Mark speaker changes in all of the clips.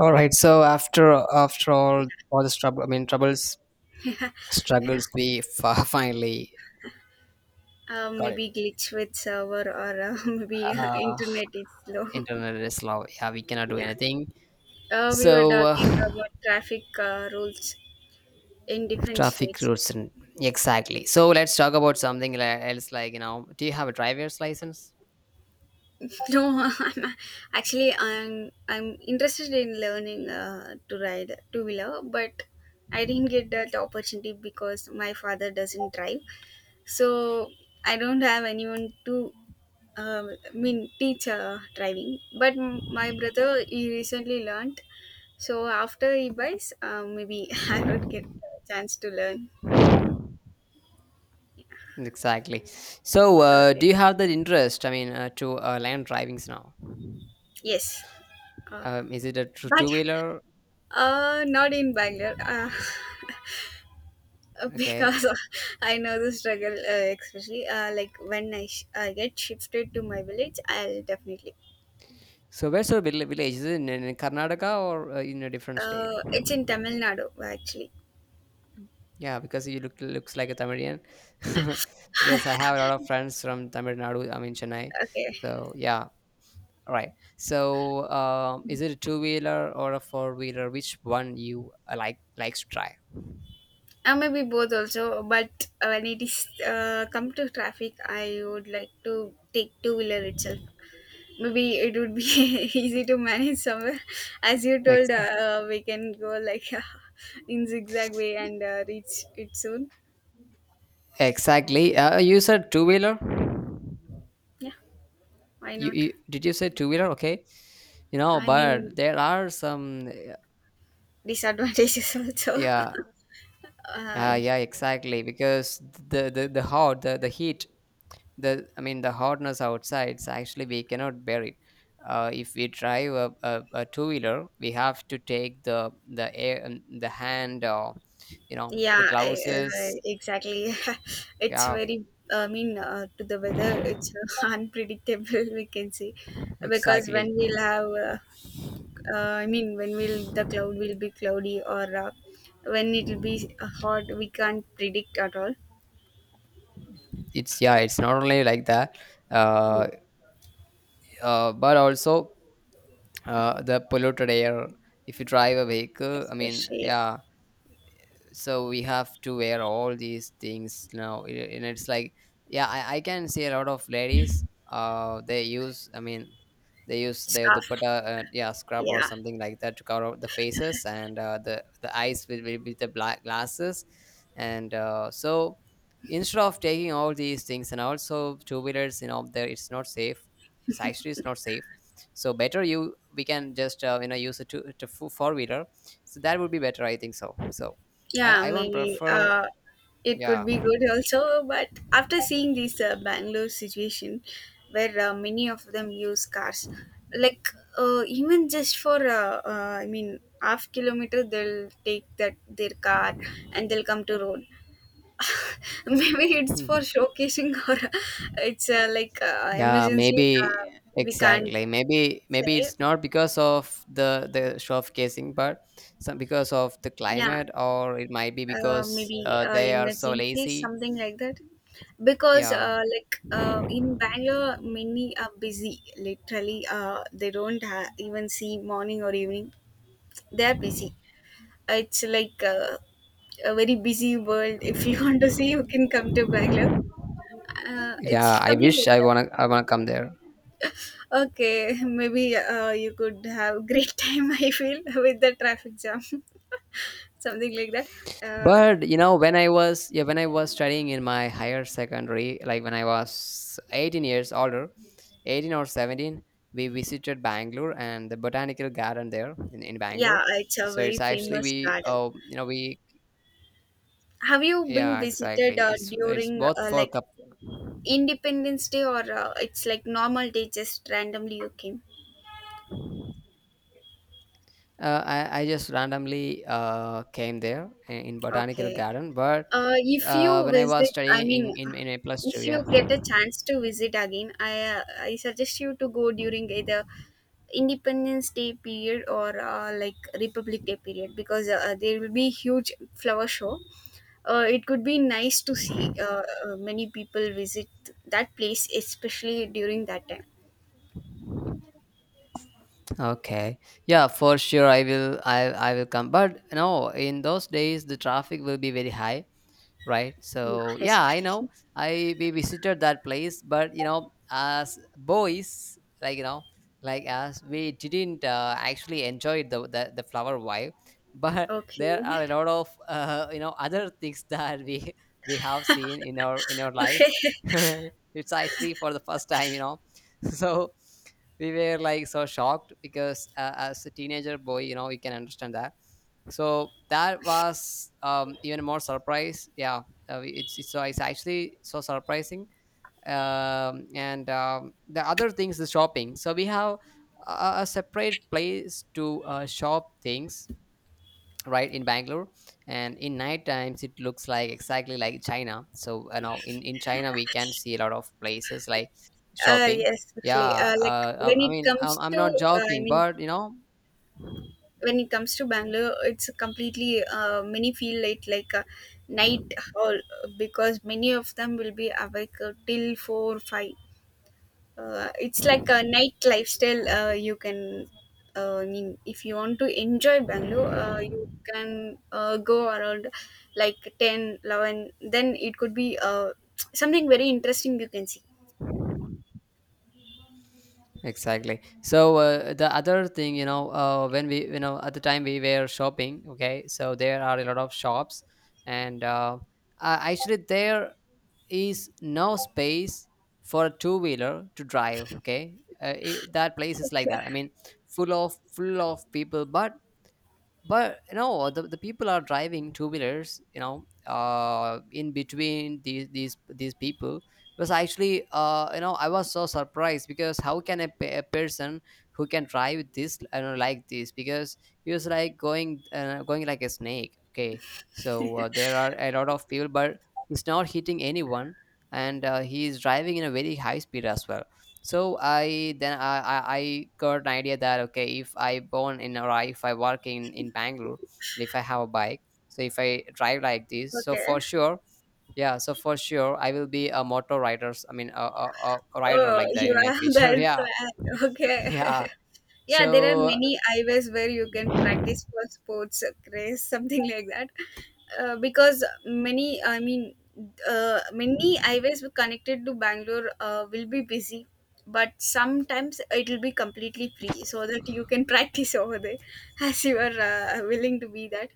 Speaker 1: All right. So after all the trouble, I mean troubles,
Speaker 2: Yeah.
Speaker 1: struggles, we finally got it.
Speaker 2: Maybe glitch with server or maybe
Speaker 1: Uh,
Speaker 2: internet is slow.
Speaker 1: Internet is slow. Yeah, we cannot do
Speaker 2: yeah.
Speaker 1: anything.
Speaker 2: We were
Speaker 1: So
Speaker 2: talking about traffic rules in different
Speaker 1: traffic
Speaker 2: states.
Speaker 1: routes and exactly. So let's talk about something else. Like, do you have a driver's license?
Speaker 2: no, I'm actually I'm interested in learning to ride two wheeler, but I didn't get that opportunity because my father doesn't drive. So I don't have anyone to teach driving. But my brother he recently learned. So after he buys, maybe I would get a chance to learn.
Speaker 1: Exactly. So
Speaker 2: Okay.
Speaker 1: do you have that interest? I mean, to land drivings now.
Speaker 2: Yes. Uh,
Speaker 1: Is it a
Speaker 2: but
Speaker 1: two wheeler?
Speaker 2: not in Bangalore
Speaker 1: Okay.
Speaker 2: because I know the struggle, especially like when I get shifted to my village, I'll definitely.
Speaker 1: So where's your village? Is it in Karnataka or in a different state?
Speaker 2: It's in Tamil Nadu actually.
Speaker 1: Yeah, because he looks like a Tamilian. Because I have a lot of friends from Tamil Nadu, I mean Chennai.
Speaker 2: Okay,
Speaker 1: So, yeah, right. So, is it a two wheeler or a four wheeler? Which one you likes to try?
Speaker 2: maybe both also, but when it is come to traffic, I would like to take two wheeler itself. Maybe it would be easy to manage somewhere as you told
Speaker 1: Ex-
Speaker 2: we can go like in zigzag way and reach it soon.
Speaker 1: Exactly. You said two wheeler.
Speaker 2: Yeah, why
Speaker 1: You,
Speaker 2: not.
Speaker 1: you did you say two wheeler? Okay. You know,
Speaker 2: I mean,
Speaker 1: but there are some.
Speaker 2: disadvantages also.
Speaker 1: Yeah.
Speaker 2: uh,
Speaker 1: Yeah. Exactly. Because the heat. The, I mean, the hotness outside, so actually we cannot bear it. If we drive a two-wheeler, we have to take the air, the hand, or you know the glasses.
Speaker 2: exactly. It's
Speaker 1: Yeah,
Speaker 2: very, to the weather it's unpredictable we can say. Because when
Speaker 1: exactly.
Speaker 2: we'll have when will the cloud will be cloudy or when it will be hot we can't predict at all.
Speaker 1: It's, yeah, it's not only like that.
Speaker 2: Mm,
Speaker 1: uh, but also, the polluted air if you drive a vehicle, I mean.
Speaker 2: especially
Speaker 1: Yeah. So we have to wear all these things now, and it's like, yeah. I can see a lot of ladies, uh, they use, I mean, they use they their
Speaker 2: scarf,
Speaker 1: dupatta, yeah, scrub or
Speaker 2: yeah.
Speaker 1: something like that to cover up the faces and, the eyes with the black glasses. And so, instead of taking all these things and also two wheelers, there, it's not safe. It's actually, it's not safe. So, better you, we can just, use a two to four wheeler. So that would be better, I think so, so. I
Speaker 2: Yeah,
Speaker 1: I won't
Speaker 2: maybe
Speaker 1: prefer.
Speaker 2: it could
Speaker 1: Yeah.
Speaker 2: be good also, but after seeing this Bangalore situation where many of them use cars, like even just for half kilometer they'll take that their car and they'll come to road. Maybe it's
Speaker 1: Hmm.
Speaker 2: for showcasing, or it's like
Speaker 1: Yeah,
Speaker 2: emergency. uh,
Speaker 1: maybe
Speaker 2: we can't
Speaker 1: exactly. Maybe
Speaker 2: say.
Speaker 1: it's not because of the showcasing, but some because of the
Speaker 2: Yeah,
Speaker 1: climate, or it might be because
Speaker 2: maybe
Speaker 1: they are so
Speaker 2: emergency
Speaker 1: lazy.
Speaker 2: something like that. Because
Speaker 1: Yeah,
Speaker 2: like in Bangalore many are busy, literally they don't even see morning or evening, they are busy. It's like a very busy world. If you want to see, you can come to Bangalore. It's
Speaker 1: yeah. I
Speaker 2: something
Speaker 1: wish
Speaker 2: like
Speaker 1: I
Speaker 2: that.
Speaker 1: wanna I wanna come there.
Speaker 2: Okay, maybe you could have great time. I feel with the traffic jam, something like that. Uh,
Speaker 1: But you know, when I was, studying in my higher secondary, like when I was 18 years older, 18 or 17, we visited Bangalore and the botanical garden there in Bangalore.
Speaker 2: yeah, it's a
Speaker 1: So
Speaker 2: very
Speaker 1: it's actually
Speaker 2: famous
Speaker 1: we,
Speaker 2: garden. Have you been
Speaker 1: yeah,
Speaker 2: visited
Speaker 1: exactly. It's,
Speaker 2: during
Speaker 1: both for
Speaker 2: like
Speaker 1: couple.
Speaker 2: Independence Day, or it's like normal day? Just randomly you came.
Speaker 1: I just randomly came there in botanical
Speaker 2: Okay.
Speaker 1: garden, but
Speaker 2: If you
Speaker 1: when I was
Speaker 2: visit,
Speaker 1: studying in a plus
Speaker 2: if
Speaker 1: two,
Speaker 2: you
Speaker 1: yeah.
Speaker 2: get a chance to visit again, I suggest you to go during either Independence Day period or like Republic Day period, because there will be huge flower show. It could be nice to see many people visit that place, especially during that time.
Speaker 1: Okay. Yeah, for sure, I will come. But no, in those days, the traffic will be very high, right,
Speaker 2: Yeah,
Speaker 1: so, yeah, I know.
Speaker 2: especially.
Speaker 1: I We visited that place, but you know, as boys, like, like, as we didn't actually enjoy the flower vibe, but there
Speaker 2: Okay.
Speaker 1: are a lot of, you know, other things that we we have seen in our life. It's actually for the first time, so we were like so shocked because, as a teenager boy, you know you can understand that. So that was, even more surprise, yeah. It's so, it's actually so surprising. And, the other things, the shopping, so we have a separate place to shop things, right, in Bangalore. And in night times, it looks like exactly like China. So in China, we can see a lot of places like shopping.
Speaker 2: Yes, especially.
Speaker 1: Yeah,
Speaker 2: Like when
Speaker 1: I
Speaker 2: it
Speaker 1: mean,
Speaker 2: comes
Speaker 1: I'm
Speaker 2: to,
Speaker 1: not joking, but
Speaker 2: when it comes to Bangalore, it's completely many feel it like a night hall, because many of them will be awake till 4-5. It's like a night lifestyle. You can, if you want to enjoy Bangalore, you can go around like 10-11. Then it could be something very interesting you can see.
Speaker 1: exactly. So, the other thing, when we, at the time we were shopping, okay, so there are a lot of shops, and, actually, there is no space for a two wheeler to drive. Okay, that place is like that. I mean, full of people, but, you know, the people are driving two wheelers, in between these people. Was actually, I was so surprised because how can a person who can drive this? I don't know, like this. Because he was like, going like a snake, okay. So there are a lot of people, but he's not hitting anyone. And he is driving in a very high speed as well. So I then, I got an idea that, okay, if I born in, or if I work in Bangalore, and if I have a bike, so if I drive like this, so
Speaker 2: Okay.
Speaker 1: for sure, yeah, so for sure I will be a motor rider. I mean, a rider
Speaker 2: Oh,
Speaker 1: like that
Speaker 2: you
Speaker 1: in my
Speaker 2: have
Speaker 1: future.
Speaker 2: that
Speaker 1: Yeah.
Speaker 2: plan. Okay.
Speaker 1: Yeah.
Speaker 2: Yeah, there are
Speaker 1: So
Speaker 2: many eyewears where you can practice for sports craze, something like that. Because many, many eyewears connected to Bangalore will be busy, but sometimes it will be completely free so that you can practice over there as you are willing to be that.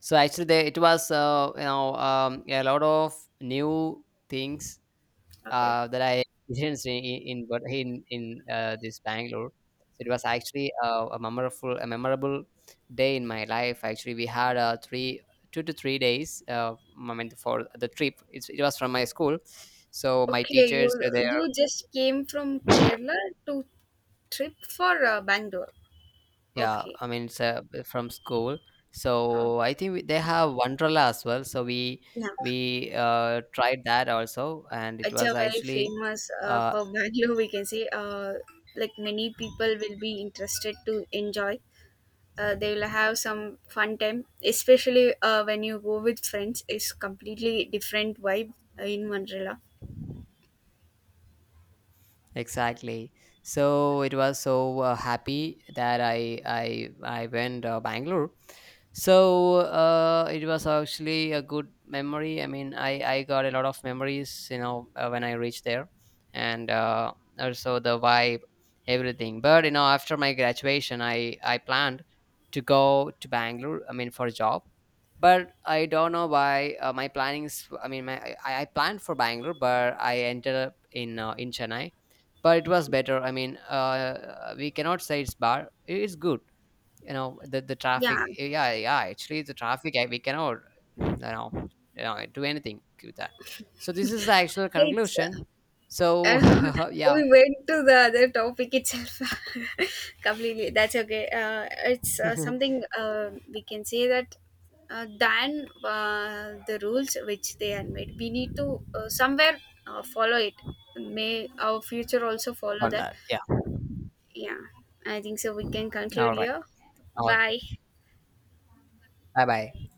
Speaker 1: so actually, it was, a lot of new things
Speaker 2: Okay.
Speaker 1: that I experienced in this Bangalore. So it was actually a memorable, day in my life. Actually, we had three two to 3 days. I mean, for the trip, it was from my school, so my
Speaker 2: Okay, you
Speaker 1: teachers were there.
Speaker 2: you just came from Kerala to trip for Bangalore.
Speaker 1: Yeah,
Speaker 2: Okay.
Speaker 1: I mean, it's from school.
Speaker 2: Uh,
Speaker 1: So I think they have Wonderla as well. So
Speaker 2: yeah,
Speaker 1: we tried that also, and it
Speaker 2: it's a
Speaker 1: was
Speaker 2: very
Speaker 1: actually.
Speaker 2: famous
Speaker 1: Uh,
Speaker 2: for Bangalore. We can say like many people will be interested to enjoy. They will have some fun time, especially when you go with friends. It's completely different vibe in Manrila.
Speaker 1: Exactly. So it was so happy that I went Bangalore. So it was actually a good memory. I mean, I got a lot of memories, you know, when I reached there, and also the vibe, everything. But you know, after my graduation, I planned to go to Bangalore. I mean, for a job. But I don't know why, my plannings. I mean, I planned for Bangalore, but I ended up in Chennai. But it was better. I mean, we cannot say it's bad, it's good. You know, the traffic,
Speaker 2: Yeah,
Speaker 1: yeah, yeah, actually the traffic, we cannot, you know, do anything with that. So this is the actual
Speaker 2: it's
Speaker 1: conclusion, so.
Speaker 2: and
Speaker 1: Yeah.
Speaker 2: we went to the other topic itself completely. That's okay. It's something we can say that, than the rules which they had made, we need to somewhere follow it. May our future also follow
Speaker 1: On
Speaker 2: that.
Speaker 1: that, yeah.
Speaker 2: Yeah, I think so. We can conclude
Speaker 1: All right.
Speaker 2: here. Bye.
Speaker 1: Okay. Bye bye.